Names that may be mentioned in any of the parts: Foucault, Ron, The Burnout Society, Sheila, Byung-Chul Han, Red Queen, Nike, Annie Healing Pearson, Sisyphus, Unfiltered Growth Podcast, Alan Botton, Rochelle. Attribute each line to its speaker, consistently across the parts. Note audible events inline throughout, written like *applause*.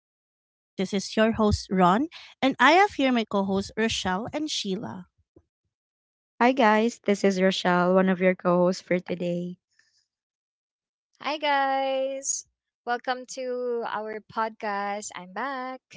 Speaker 1: Growth Podcast. This is your host Ron, and I have here my co-hosts Rochelle and Sheila.
Speaker 2: Hi guys, this is Rochelle, one of your co-hosts for today.
Speaker 3: Hi, guys. Welcome to our podcast. I'm back.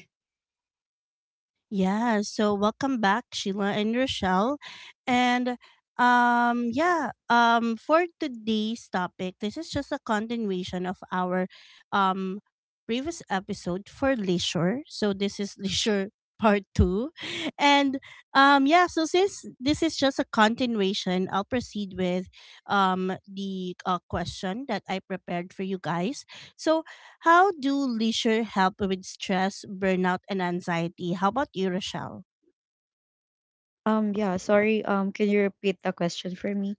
Speaker 1: Yeah, so welcome back, Sheila and Rochelle. And yeah, for today's topic, this is just a continuation of our um previous episode for leisure. So this is *laughs* leisure part 2. And yeah, so since this is just a continuation, I'll proceed with the question that I prepared for you guys. So how do leisure help with stress, burnout, and anxiety? How about you, Rochelle?
Speaker 2: Yeah, sorry. Can you repeat the question for me?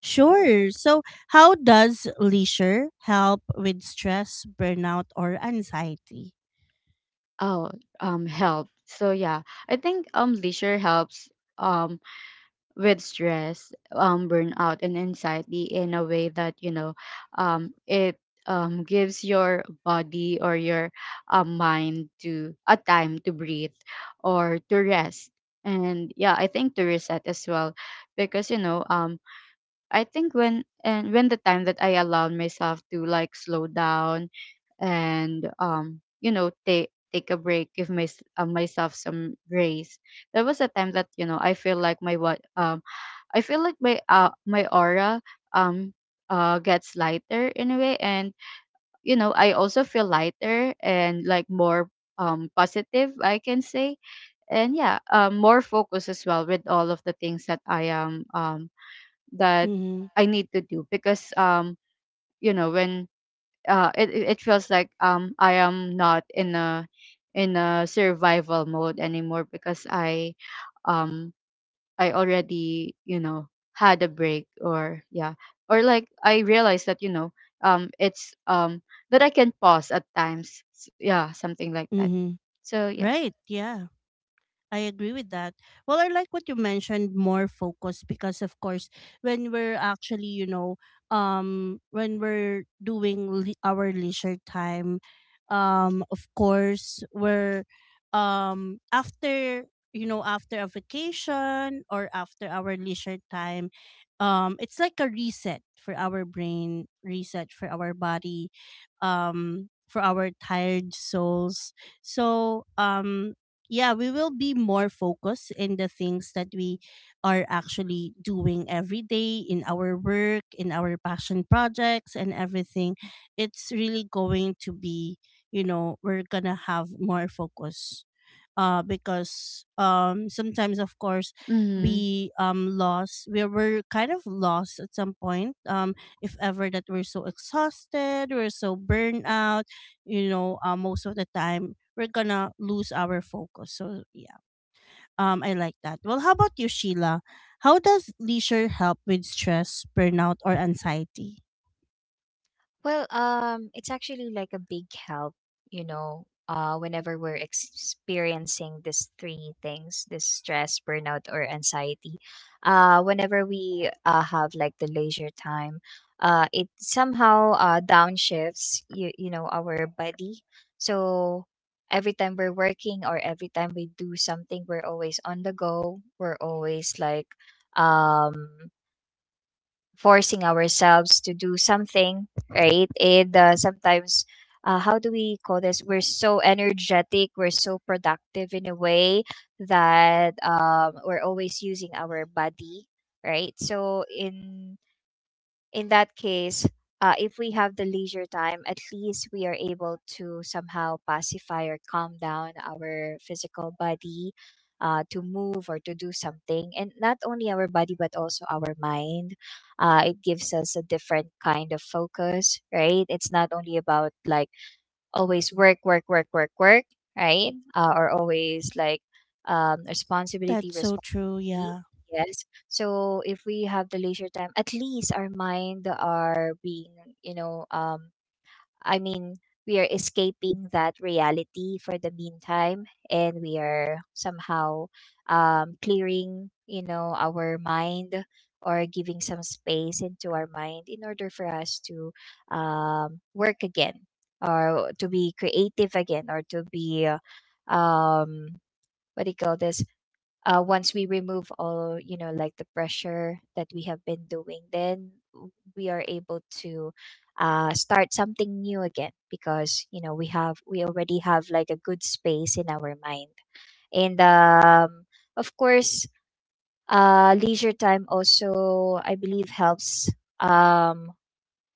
Speaker 1: Sure. So, how does leisure help with stress, burnout, or anxiety?
Speaker 2: Oh, help. So, yeah, I think leisure helps um with stress, burnout and anxiety in a way that, you know, it gives your body or your mind to a time to breathe or to rest. And yeah, I think to reset as well because you know, I think when the time that I allowed myself to like slow down and you know take a break, give my, myself some grace. There was a time that you know I feel like my what I feel like my my aura um gets lighter in a way, and you know I also feel lighter and like more positive I can say, and yeah more focus as well with all of the things that I am that
Speaker 1: Mm-hmm.
Speaker 2: I need to do because you know when it feels like I am not in a in a survival mode anymore because um I already you know had a break or yeah or like I realized that you know it's that I can pause at times, yeah something like that
Speaker 1: Mm-hmm.
Speaker 2: so yeah.
Speaker 1: Right. Yeah. I agree with that. Well, I like what you mentioned more focus, because of course when we're actually, you know, when we're doing our leisure time, of course we're after, you know, after a vacation or after our leisure time, it's like a reset for our brain, reset for our body, for our tired souls. So yeah, we will be more focused in the things that we are actually doing every day, in our work, in our passion projects, and everything. It's really going to be, you know, we're gonna have more focus, because, sometimes, of course,
Speaker 2: Mhm.
Speaker 1: we, lost, we were kind of lost at some point. If ever that we're so exhausted, we're so burned out, you know, most of the time, we're gonna lose our focus. So, yeah. I like that. Well, how about you, Sheila? How does leisure help with stress, burnout, or anxiety?
Speaker 3: It's actually like a big help, you know, whenever we're experiencing these three things, this stress, burnout, or anxiety. Whenever we have like the leisure time, it somehow downshifts, you know, our body. So every time we're working or every time we do something, we're always on the go. We're always um, forcing ourselves to do something, right? And sometimes, how do we call this? We're so energetic, we're so productive in a way that we're always using our body, right? So in that case, if we have the leisure time, at least we are able to somehow pacify or calm down our physical body to move or to do something. And not only our body, but also our mind. It gives us a different kind of focus, right? It's not only about like always work, work, work, work, work, right? Or always like responsibility,
Speaker 1: That's so true.
Speaker 3: responsibility.
Speaker 1: Yeah.
Speaker 3: Yes. So if we have the leisure time, at least our mind are being, you know, um, I mean, we are escaping that reality for the meantime, and we are somehow clearing, you know, our mind or giving some space into our mind in order for us to work again or to be creative again or to be what do you call this, once we remove all you know like the pressure that we have been doing, then we are able to start something new again because you know we already have like a good space in our mind, and um, of course, leisure time also I believe helps, um,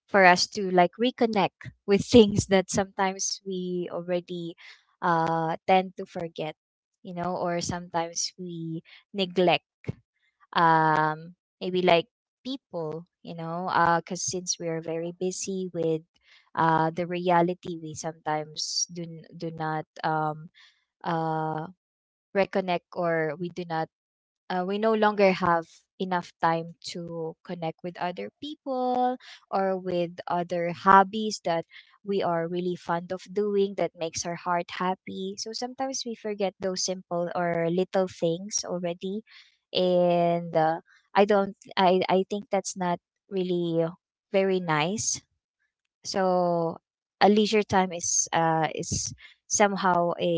Speaker 3: for us to like reconnect with *laughs* things that sometimes we already tend to forget, you know, or sometimes we neglect, um maybe like people, you know, uh, because since we are very busy with the reality, we sometimes do not uh reconnect, or we do not we no longer have enough time to connect with other people or with other hobbies that we are really fond of doing that makes our heart happy. So sometimes we forget those simple or little things already, and I don't. I think that's not really very nice. So a leisure time is somehow a,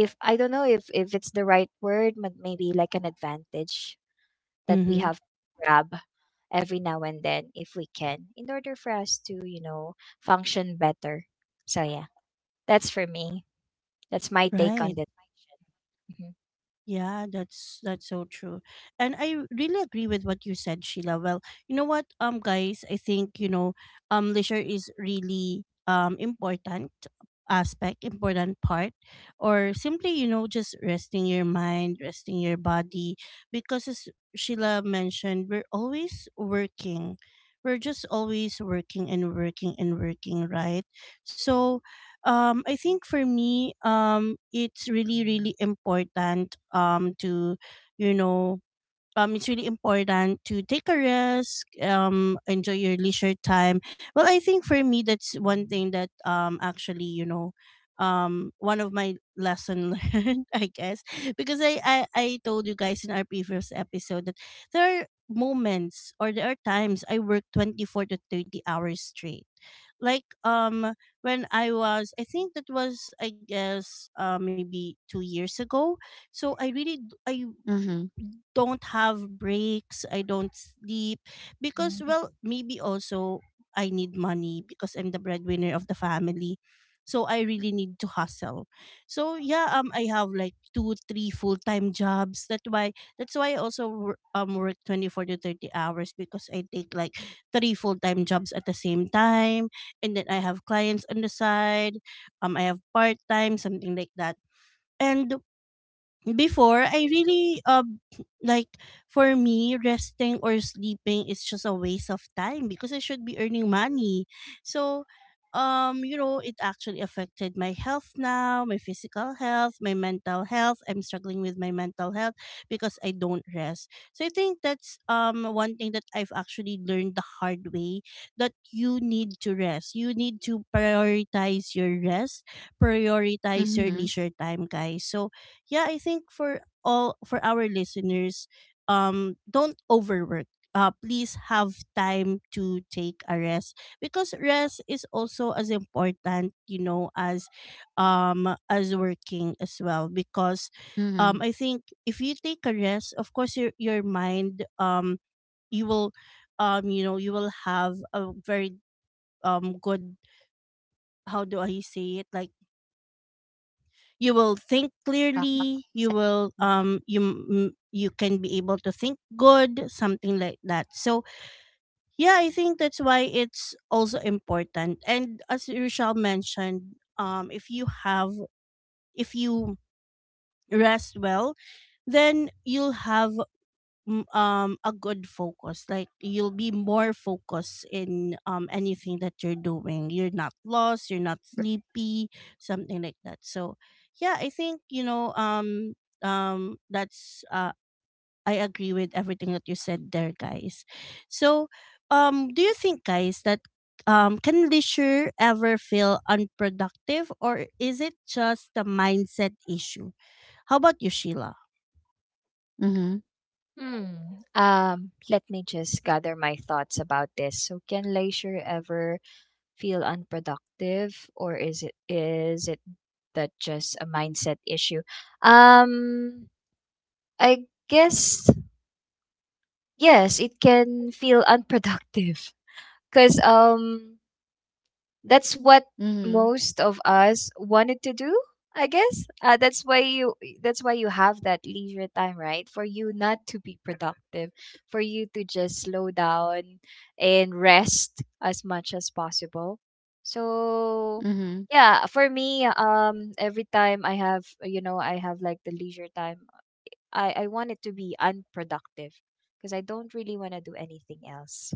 Speaker 3: if I don't know if it's the right word, but maybe like an advantage that we
Speaker 1: Mm-hmm.
Speaker 3: have to grab every now and then if we can, in order for us to, you know, function better. So yeah, that's for me. That's my take on
Speaker 1: Right.
Speaker 3: this. Mhm.
Speaker 1: Yeah, that's so true. And I really agree with what you said, Sheila. Well, you know what, guys, I think, you know, leisure is really important aspect, important part, or simply, you know, just resting your mind, resting your body, because as Sheila mentioned, we're always working. We're just always working and working and working, right? So, I think for me it's really really important to, you know, it's really important to take a risk, enjoy your leisure time. Well, I think for me, that's one thing that, actually, you know, one of my lesson *laughs* learned, I guess, because I told you guys in our previous episode that there are moments or there are times I work 24 to 30 hours straight. Like when I was, I think that was, I guess maybe 2 years ago. So I really I
Speaker 2: Mhm.
Speaker 1: don't have breaks, I don't sleep because,
Speaker 3: Mhm.
Speaker 1: well, maybe also I need money because I'm the breadwinner of the family. So I really need to hustle. So yeah, I have like two, three full-time jobs. That's why I also work 24 to 30 hours, because I take like three full-time jobs at the same time, and then I have clients on the side. I have part-time, something like that. And before, I really like, for me, resting or sleeping is just a waste of time because I should be earning money. So you know it actually affected my health now, my physical health, my mental health. I'm struggling with my mental health because I don't rest. So I think that's one thing that I've actually learned the hard way, that you need to rest. You need to prioritize your rest, prioritize your
Speaker 2: Mhm.
Speaker 1: leisure time, guys. So yeah i think for all for our listeners, don't overwork. Please have time to take a rest, because rest is also as important, you know, as working as well, because
Speaker 2: Mhm.
Speaker 1: I think if you take a rest, of course your mind, you will, you know, you will have a very good, how do I say it, like you will think
Speaker 2: A
Speaker 1: clearly,
Speaker 2: mindset.
Speaker 1: you will,
Speaker 2: Mhm.
Speaker 1: you, you can be able to think good, something like that. So yeah i think that's why it's also important. And as Rochelle mentioned, if you have, if you rest well, then you'll have a good focus, like you'll be more focused in anything that you're doing. You're not lost, you're not sleepy, something like that. So yeah i think, you know, that's, I agree with everything that you said there, guys. So, do you think, guys, that, can leisure ever feel unproductive, or is it just a mindset issue? How about you, Sheila?
Speaker 2: Mhm.
Speaker 3: Hmm. Let me just gather my thoughts about this. So, can leisure ever feel unproductive, or is it that just a mindset issue? Um I guess yes, it can feel unproductive, cuz that's what
Speaker 2: Mhm.
Speaker 3: most of us wanted to do, I guess. That's why you have that leisure time, right? For you not to be productive, for you to just slow down and rest as much as possible. So
Speaker 2: Mhm.
Speaker 3: yeah, for me, every time I have, you know, I have like the leisure time, I want it to be unproductive because I don't really want to do anything else.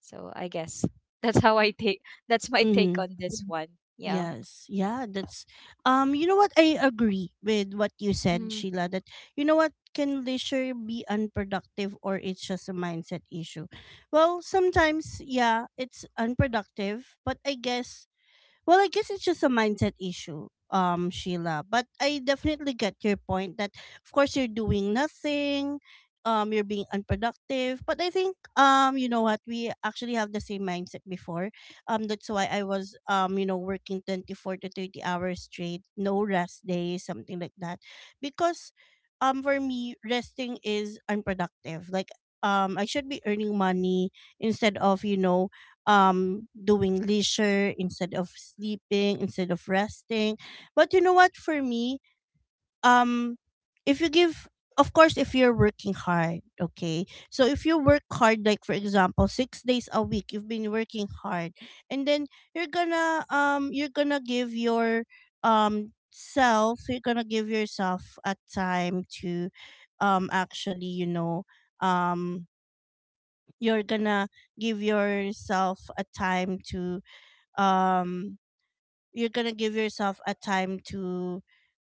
Speaker 3: So I guess *laughs* that's how I take, that's my take
Speaker 1: Mm-hmm.
Speaker 3: on this Mhm. one. Yeah.
Speaker 1: Yes. Yeah, that's you know what, I agree with what you said,
Speaker 3: Mhm.
Speaker 1: Sheila, that, you know what, can leisure be unproductive, or it's just a mindset issue? Well, sometimes, yeah, it's unproductive, but I guess, well, I guess it's just a mindset issue, Sheila. But I definitely get your point that, of course, you're doing nothing, you're being unproductive. But I think, you know what, we actually have the same mindset before. That's why I was, you know, working 24 to 30 hours straight, no rest days, something like that, because, for me, resting is unproductive. Like, I should be earning money instead of, you know, doing leisure, instead of sleeping, instead of resting. But you know what, for me, um if you give, of course, if you're working hard, okay, so if you work hard, like for example, 6 days a week you've been working hard, and then you're gonna, you're gonna give your, self, you're gonna give yourself a time to, actually, you know, um you're gonna give yourself a time to, um you're gonna give yourself a time to,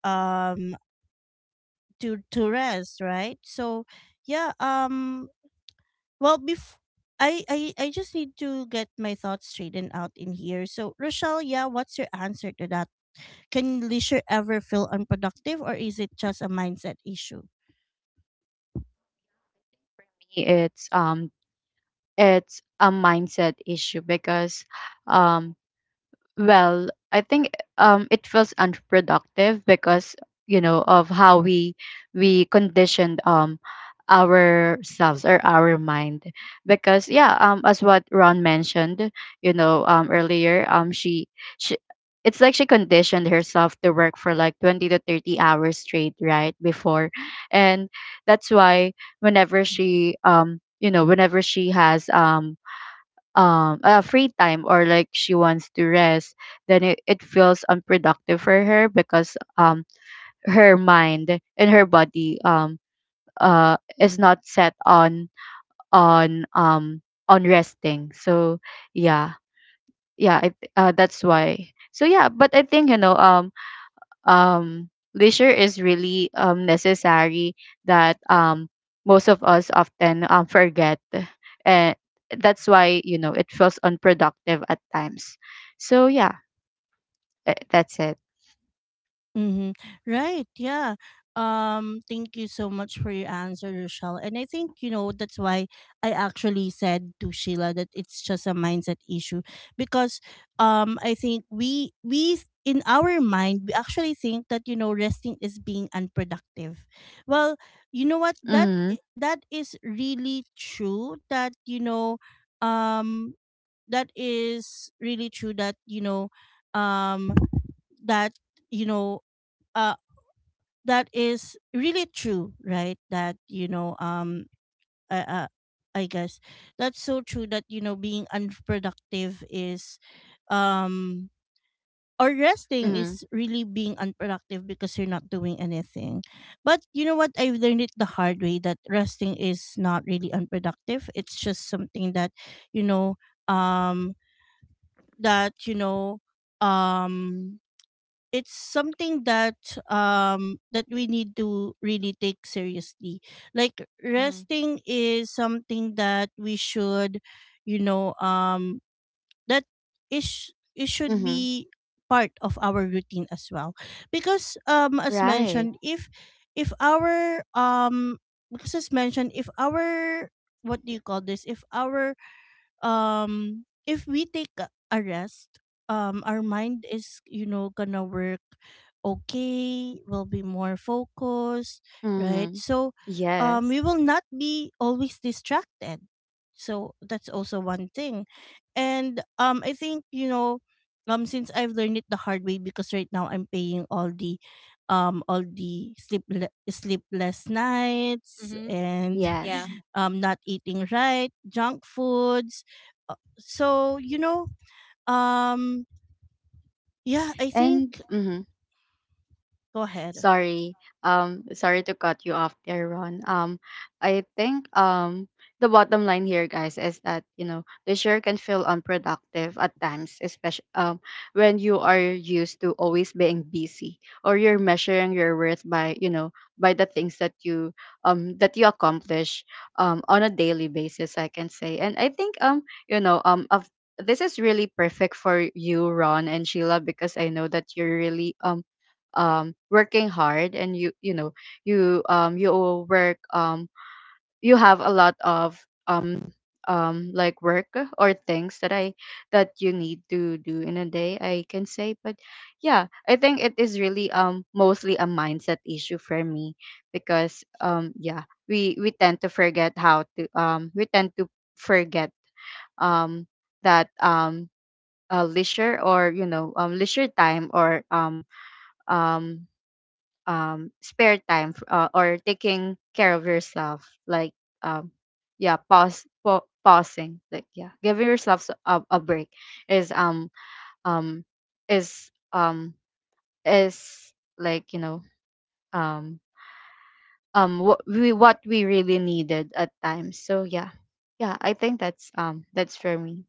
Speaker 1: um to rest, right? So yeah um well, I just need to get my thoughts straightened out in here. So Rochelle, yeah, what's your answer to that? Can leisure ever feel unproductive, or is it just a mindset issue?
Speaker 2: It's um it's a mindset issue because um well, I think it was unproductive because you know of how we conditioned ourselves or our mind because yeah as what Ron mentioned you know earlier, she it's like she conditioned herself to work for like 20 to 30 hours straight right before, and that's why whenever she
Speaker 3: Mhm.
Speaker 2: you know whenever she has free time or like she wants to rest, then it feels unproductive for her because her mind and her body is not set on on um on resting. So yeah. yeah I, that's why. So yeah, but I think you know um, leisure is really necessary that most of us often forget. And that's why, you know, it feels unproductive at times. So, yeah, that's it.
Speaker 1: Mm-hmm. Right. Yeah. Thank you so much for your answer, Rochelle. And I think, you know, that's why I actually said to Sheila that it's just a mindset issue, because I think we in our mind we actually think that, you know, resting is being unproductive. Well, you know what, that,
Speaker 2: Mm-hmm.
Speaker 1: that is really true. That, you know, um, that is really true. That, you know, um, that you know. uh, that is really true, right? That you know, I, uh, I guess that's so true that, you know, being unproductive is, um or resting
Speaker 2: Mm-hmm.
Speaker 1: is really being unproductive because you're not doing anything. But you know what, I've learned it the hard way that resting is not really unproductive. It's just something that, you know, um that you know, um it's something that, that we need to really take seriously. Like
Speaker 3: Mhm.
Speaker 1: resting is something that we should, you know, that, is, it should
Speaker 2: Mm-hmm.
Speaker 1: be part of our routine as well. Because, as
Speaker 2: Right.
Speaker 1: mentioned, if our, because as mentioned, if our, what do you call this, if our, if we take a rest, our mind is, you know, gonna work, okay, will be more focused, right?
Speaker 2: Mm-hmm.
Speaker 1: So we
Speaker 2: Yes.
Speaker 1: will not be always distracted. So that's also one thing. And I think, you know, since I've learned it the hard way, because right now I'm paying all the, all the sleep, sleepless nights
Speaker 3: Mhm.
Speaker 1: and
Speaker 3: Yeah.
Speaker 2: Yes.
Speaker 1: *laughs* not eating right, junk foods, so you know, um yeah I
Speaker 2: And
Speaker 1: think,
Speaker 2: mm-hmm.
Speaker 1: go ahead.
Speaker 2: Sorry. Sorry to cut you off there, Ron. I think the bottom line here, guys, is that you know the share can feel unproductive at times, especially when you are used to always being busy or you're measuring your worth by you know by the things that you accomplish on a daily basis, I can say. And I think you know of this is really perfect for you, Ron and Sheila, because I know that you're really working hard and you know you will work, you have a lot of um like work or things that I that you need to do in a day, I can say. But yeah, I think it is really mostly a mindset issue for me because yeah, we tend to forget how to we tend to forget um that leisure or you know leisure time or um spare time, or taking care of yourself, um yeah, pausing like yeah, giving yourself a break is um is um is like you know um what we really needed at times. So yeah, yeah I think that's for me.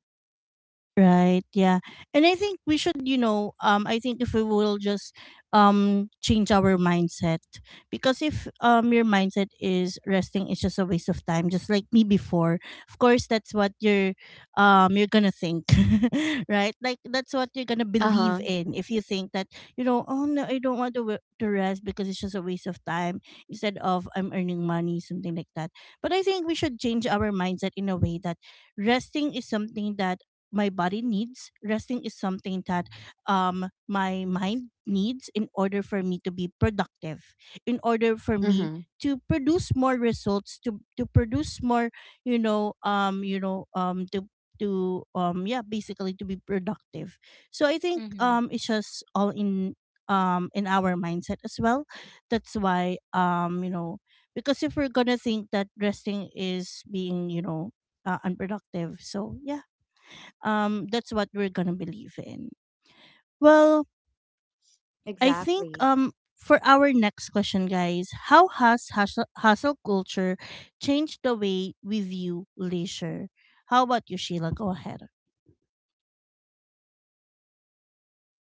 Speaker 1: Right. Yeah. And I think we should, you know, I think if we will just change our mindset, because if your mindset is resting is just a waste of time, just like me before. Of course that's what you're, you're going to think. *laughs* Right? Like that's what you're going to believe
Speaker 2: Uh-huh.
Speaker 1: in if you think that, you know, oh no, I don't want to to rest because it's just a waste of time, instead of I'm earning money, something like that. But I think we should change our mindset in a way that resting is something that my body needs. Resting is something that my mind needs, in order for me to be productive, in order for me
Speaker 2: Mm-hmm.
Speaker 1: to produce more results, to produce more, you know, to, yeah, basically to be productive. So I
Speaker 3: Mhm.
Speaker 1: think
Speaker 3: Mhm.
Speaker 1: it's just all in our mindset as well. That's why, you know, because if we're gonna think that resting is being, you know, unproductive. So yeah, that's what we're gonna believe in. Well, I think
Speaker 2: Exactly.
Speaker 1: for our next question, guys, how has hustle culture changed the way we view leisure? How about you, Sheila? Go ahead.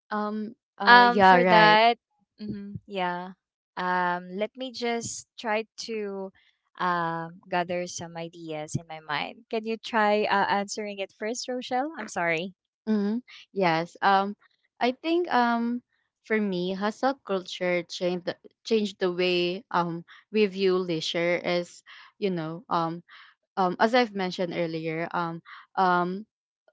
Speaker 2: um yeah,
Speaker 3: For
Speaker 2: right.
Speaker 3: that, mhm. Yeah. Let me just try to gather some ideas in my mind. Can you try, answering it first, Rochelle? I'm sorry.
Speaker 2: Mm-hmm. Yes. I think for me, hustle culture changed changed the way we view leisure. Is You know as I've mentioned earlier, um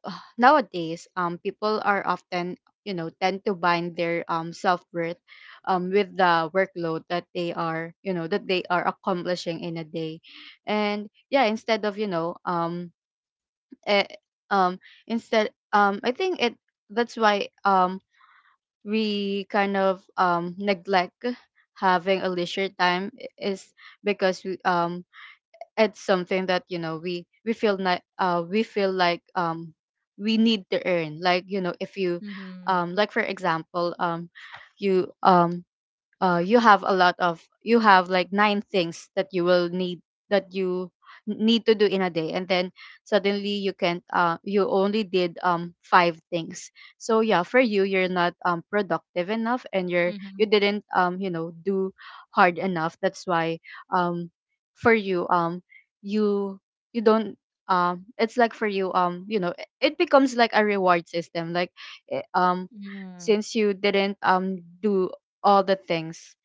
Speaker 2: *sighs* nowadays people are often you know tend to bind their self worth with the workload that they are you know that they are accomplishing in a day, and yeah, instead of you know eh, um instead I think it that's why we kind of neglect having a leisure time I- is because it's something that you know we feel like we need to earn. Like you know if you
Speaker 3: Mhm.
Speaker 2: like for example, you um you have a lot of, you have like nine things that you will need that you n- need to do in a day, and then suddenly you can not you only did five things. So yeah, for you you're not productive enough, and you're, you
Speaker 3: Mhm.
Speaker 2: didn't you know do hard enough. That's why um for you you you don't, it's like for you you know it it becomes like a reward system. Like, eh, um
Speaker 3: Mhm.
Speaker 2: since you didn't do all the things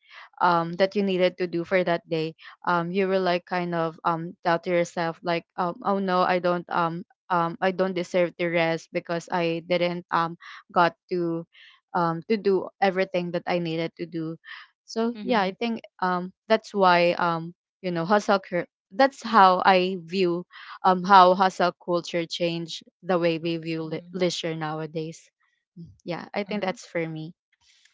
Speaker 2: that you needed to do for that day, you were like kind of doubt to yourself, like, oh no I don't, I don't deserve to rest because I didn't got to do everything that I needed to do. So yeah, I
Speaker 3: Mhm.
Speaker 2: think that's why you know that's how I view how hustle culture changed the way we view
Speaker 3: Mhm.
Speaker 2: leisure nowadays. Yeah, I think that's for me.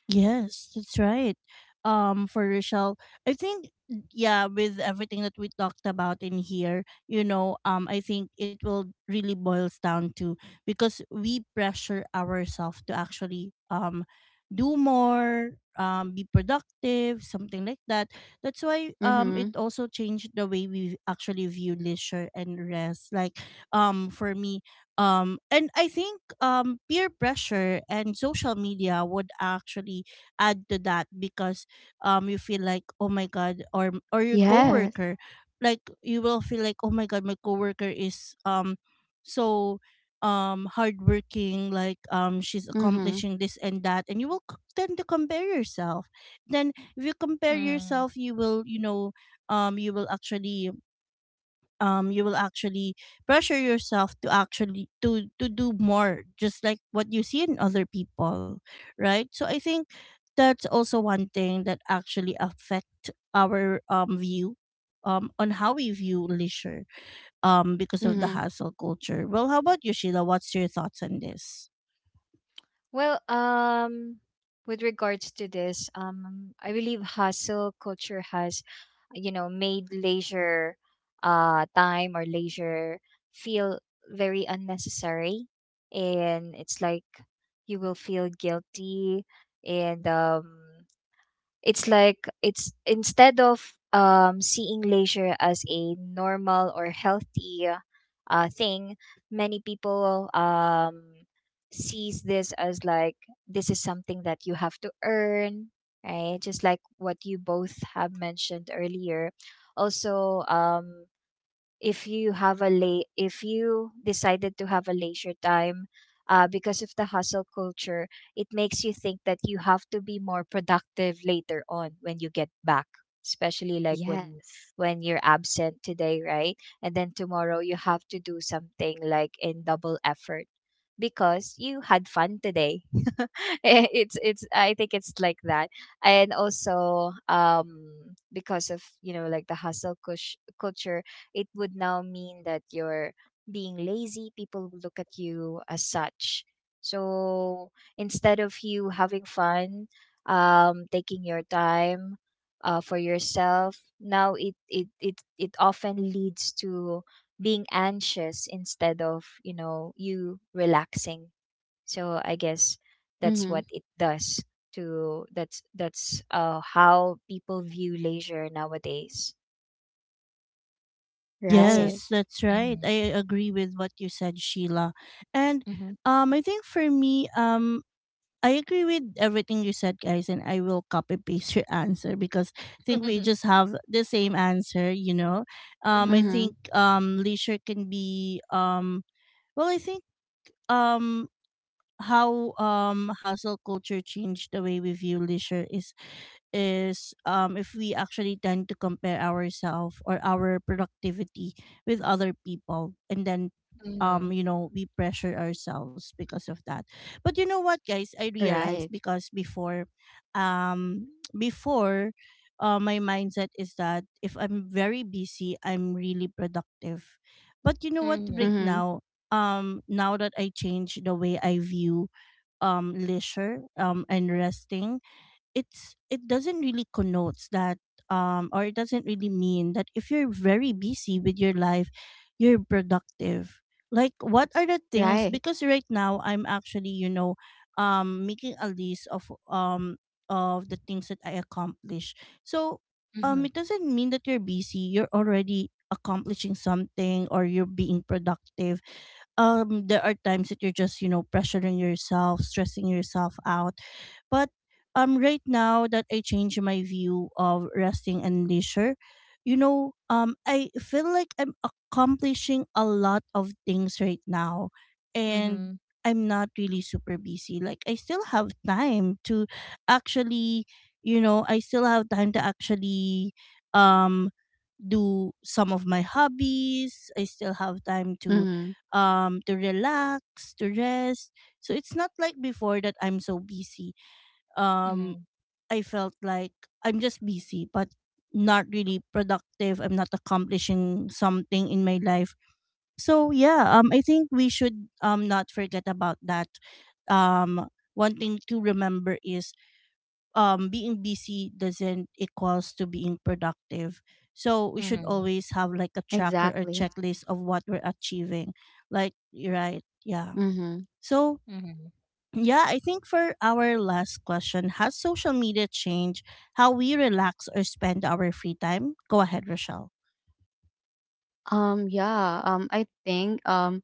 Speaker 1: Yes, that's right. For Rochelle, I think yeah, with everything that we talked about in here, I think it will really boils down to because we pressure ourselves to actually do more, be productive, something like that. That's why it
Speaker 2: Mm-hmm.
Speaker 1: also changed the way we actually view leisure and rest. Like for me, and I think peer pressure and social media would actually add to that because you feel like oh my god or your
Speaker 2: Yes.
Speaker 1: coworker like you will feel like oh my god my coworker is so hardworking like she's
Speaker 2: Mhm.
Speaker 1: accomplishing this and that, and you will tend to compare yourself then if you compare
Speaker 3: Mhm.
Speaker 1: yourself you will you will actually um you will actually pressure yourself to actually to do more just like what you see in other people, right? So I think that's also one thing that actually affect our view on how we view leisure because of the
Speaker 3: Mhm.
Speaker 2: Mhm.
Speaker 1: hassle culture. Well, how about you, Sheila? What's your thoughts on this?
Speaker 3: Well, um, with regards to this, I believe hustle culture has, you know, made leisure, time or leisure feel very unnecessary, and it's like you will feel guilty, and it's like it's instead of, seeing leisure as a normal or healthy thing, many people sees this as like this is something that you have to earn, right? Just like what you both have mentioned earlier. Also, if you have a late, if you decided to have a leisure time because of the hustle culture, it makes you think that you have to be more productive later on when you get back, especially like when
Speaker 2: Yes.
Speaker 3: when you're absent today, right? And then tomorrow you have to do something like in double effort because you had fun today. *laughs* Eh, it's I think it's like that. And also, because of, you know, like the culture, it would now mean that you're being lazy. People will look at you as such. So instead of you having fun, taking your time, for yourself, now it often leads to being anxious instead of, you know, you relaxing. So I guess that's what
Speaker 2: Mhm.
Speaker 3: it does to, that's how people view leisure nowadays. That's it.
Speaker 2: Right.
Speaker 1: Yes, that's right.
Speaker 3: Mm-hmm.
Speaker 1: I agree with what you said, Sheila. And I think for me, I agree with everything you said, guys, and I will copy paste your answer because I think we
Speaker 3: Mhm,
Speaker 1: just have the same answer, you know. I
Speaker 3: mhm,
Speaker 2: Mhm.
Speaker 1: think leisure can be well I think um how hustle culture changed the way we view leisure is if we actually tend to compare ourselves or our productivity with other people, and then
Speaker 3: mhm,
Speaker 1: you know we pressure ourselves because of that. But you know what guys, I realized
Speaker 2: Right.
Speaker 1: because before um *tsk* before my mindset is that if I'm very busy I'm really productive. But you know what,
Speaker 3: mhm,
Speaker 1: right
Speaker 2: Mhm.
Speaker 1: now, now that I change the way I view leisure and resting, it doesn't really connotes that, or it doesn't really mean that if you're very busy with your life, you're productive. Like what are the things,
Speaker 2: Right.
Speaker 1: because right now I'm actually, you know, making a list of the things that I accomplish. So it doesn't mean that you're busy, you're already accomplishing something or you're being productive. There are times that you're just, you know, pressuring yourself, stressing yourself out, but right now that I change my view of resting and leisure, you know, I feel like I'm accomplishing a lot of things right now, and
Speaker 3: mhm,
Speaker 1: I'm not really super busy. Like I still have time to actually, you know, I still have time to actually um do some of my hobbies, I still have time
Speaker 2: Mhm.
Speaker 1: to relax, to rest. So it's not like before that I'm so busy,
Speaker 3: mhm,
Speaker 1: um
Speaker 3: mhm,
Speaker 1: I felt like I'm just busy but not really productive, I'm not accomplishing something in my life. So yeah, I think we should not forget about that. um One thing to remember is being busy doesn't equals to being productive. So we should
Speaker 3: mhm,
Speaker 1: always have like a tracker or
Speaker 2: Exactly.
Speaker 1: checklist of what we're achieving, like you're right, yeah.
Speaker 2: Mhm.
Speaker 1: So,
Speaker 3: mhm,
Speaker 1: yeah, I think for our last question, has social media changed how we relax or spend our free time? Go ahead, Rochelle.
Speaker 2: Yeah, I think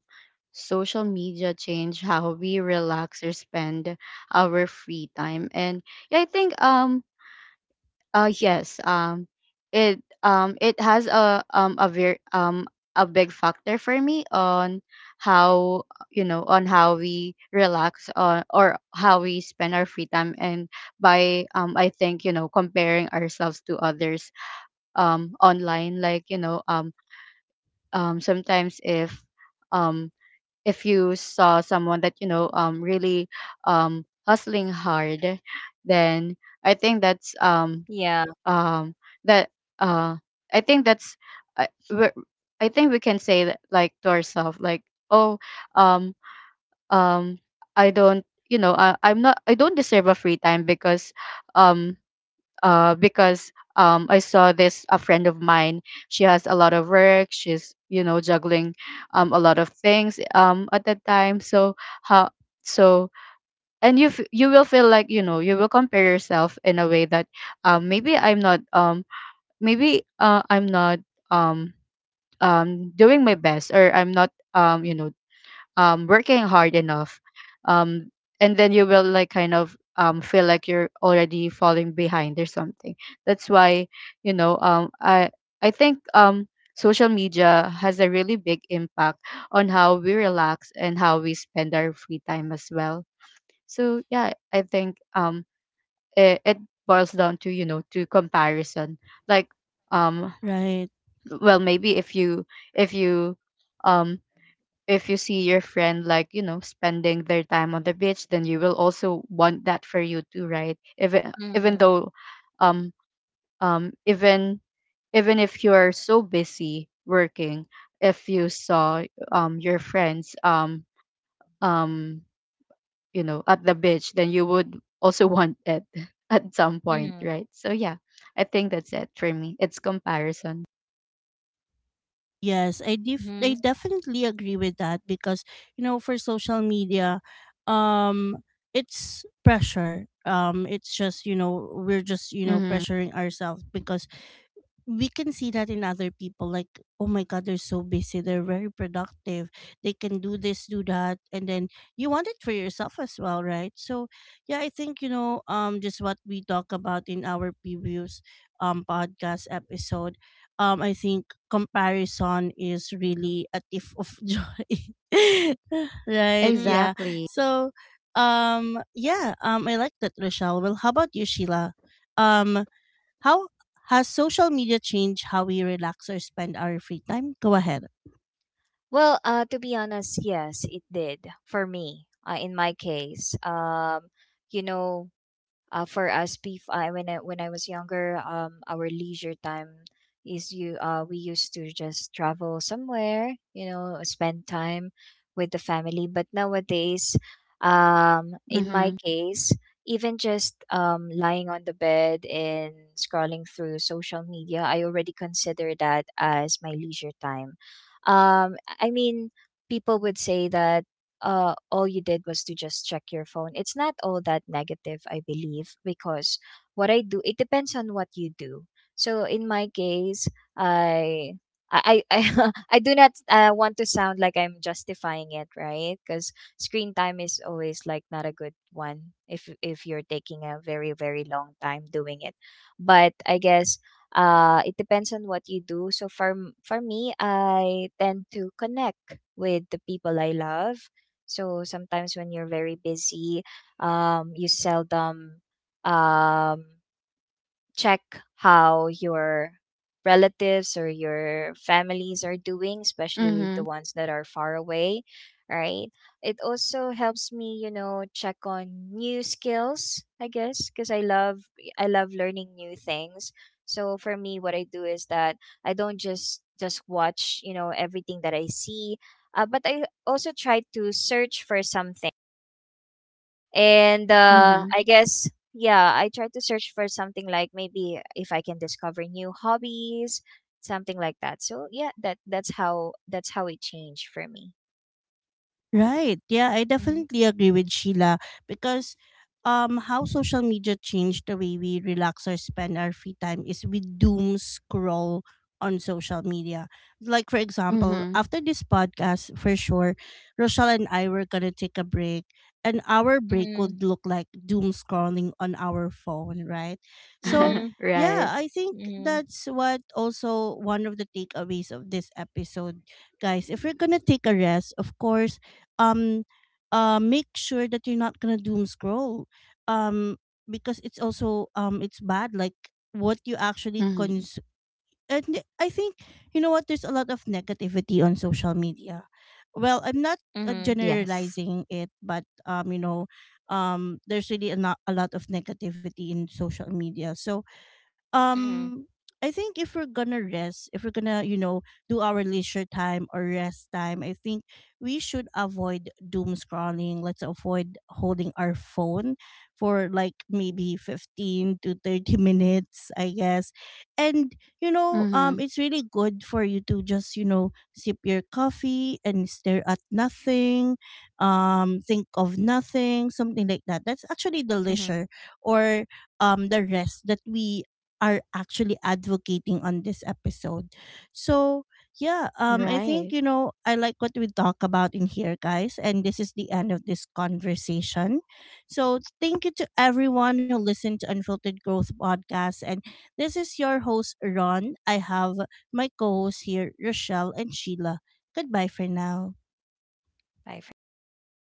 Speaker 2: social media changed how we relax or spend our free time. And yeah, I think uh yes. It has a very a big factor for me on how you know on how we relax on or how we spend our free time, and by I think you know comparing ourselves to others online. Like you know sometimes um if you saw someone that you know really hustling hard, then I
Speaker 3: mhm.
Speaker 2: think that's
Speaker 3: Yeah.
Speaker 2: um that uh I think that's I, we're- I think we can say that like to ourselves, like, oh, um um I don't you know, I, I'm not I don't deserve a free time um because I saw this a friend of mine, she has a lot of work, she's you know juggling a lot of things at that time. So how, so, and you you will feel like you know you will compare yourself in a way that maybe I'm not maybe I'm not um doing my best or I'm not you know working hard enough um and then you will like kind of feel like you're already falling behind or something. That's why you know I think social media has a really big impact on how we relax and how we spend our free time as well. So yeah, I think it boils down to you know to comparison. Like um
Speaker 1: Right.
Speaker 2: well maybe if you, if you um if you see your friend like you know spending their time on the beach, then you will also want that for you too, right? Even, even
Speaker 3: Mhm,
Speaker 2: though um even, even if you're so busy working, if you saw your friends um you know at the beach, then you would also want it *laughs* at some point,
Speaker 3: mhm,
Speaker 2: right? So yeah, I think that's it for me. It's comparison.
Speaker 1: Yes, I
Speaker 3: mhm,
Speaker 1: definitely agree with that because you know for social media, um, it's pressure. It's just, you know, we're just, you know,
Speaker 2: Mhm.
Speaker 1: pressuring ourselves because we can see that in other people, like oh my god they're so busy, they're very productive, they can do this do that, and then you want it for yourself as well, right? So yeah, I think, you know, just what we talk about in our previous podcast episode, I think comparison is really a thief of *laughs* joy *laughs* right
Speaker 3: mhm.
Speaker 1: yeah.
Speaker 2: Exactly.
Speaker 1: So yeah, I like that Rochelle. Well how about you Sheila. Um. How has social media changed how we relax or spend our free time? Go ahead.
Speaker 3: Well, to be honest, yes, it did for me. In my case, you know, for us beef I, when I was younger, our leisure time is, you we used to just travel somewhere, you know, spend time with the family. But nowadays, in my
Speaker 2: Mhm.
Speaker 3: case, even just lying on the bed and scrolling through social media, I already consider that as my leisure time. um I mean, people would say that, all you did was to just check your phone. It's not all that negative, I believe, because what I do, it depends on what you do. So in my case, I. I *laughs* I do not, want to sound like I'm justifying it, right? Because screen time is always like not a good one if you're taking a very, very long time doing it. But I guess it depends on what you do. So for me, I tend to connect with the people I love. So sometimes when you're very busy, you seldom, um, check how your relatives or your families are doing, especially the
Speaker 2: Mhm.
Speaker 3: ones that are far away, right? It also helps me, you know, check on new skills, I guess, because I love learning new things. So for me, what I do is that I don't just watch, you know, everything that I see, but I also try to search for something, and
Speaker 2: Mhm.
Speaker 3: I guess, yeah, I try to search for something like maybe if I can discover new hobbies, something like that. So yeah, that that's how, that's how it changed for me.
Speaker 1: Right. Yeah, I
Speaker 3: Mm-hmm.
Speaker 1: definitely agree with Sheila because how social media changed the way we relax or spend our free time is we doom scroll on social media. Like for example,
Speaker 2: Mhm.
Speaker 1: after this podcast for sure, Rochelle and I were gonna take a break and our break
Speaker 3: Mm-hmm.
Speaker 1: would look like doom scrolling on our phone, right?
Speaker 2: *laughs*
Speaker 1: So
Speaker 3: Mm-hmm.
Speaker 2: Right.
Speaker 1: yeah, I think
Speaker 3: Mm-hmm.
Speaker 1: that's what also one of the takeaways of this episode guys, if we are gonna take a rest, of course, um make sure that you're not gonna doom scroll um because it's also it's bad, like what you actually
Speaker 2: Mhm.
Speaker 1: cons, and I think you know what there's a lot of negativity on social media. Well I'm not
Speaker 3: Mm-hmm.
Speaker 2: Yes.
Speaker 1: generalizing it but you know there's really a, a lot of negativity in social media. So um I think if we're gonna rest, if we're gonna, you know, do our leisure time or rest time, I think we should avoid doom scrolling. Let's avoid holding our phone for like maybe 15 to 30 *laughs* minutes, I guess. And, you know,
Speaker 2: Mhm.
Speaker 1: it's really good for you to just, you know, sip your coffee and stare at nothing, think of nothing, something like that. That's actually the
Speaker 3: Mm-hmm.
Speaker 1: leisure or the rest that we are actually advocating on this episode. So, yeah, I think,
Speaker 2: Right.
Speaker 1: you know, I like what we talk about in here, guys, and this is the end of this conversation. So, thank you to everyone who listened to Unfiltered Growth podcast, and this is your host Ron. I have my co-hosts here, Rochelle and Sheila. Goodbye for now.
Speaker 3: Bye for now.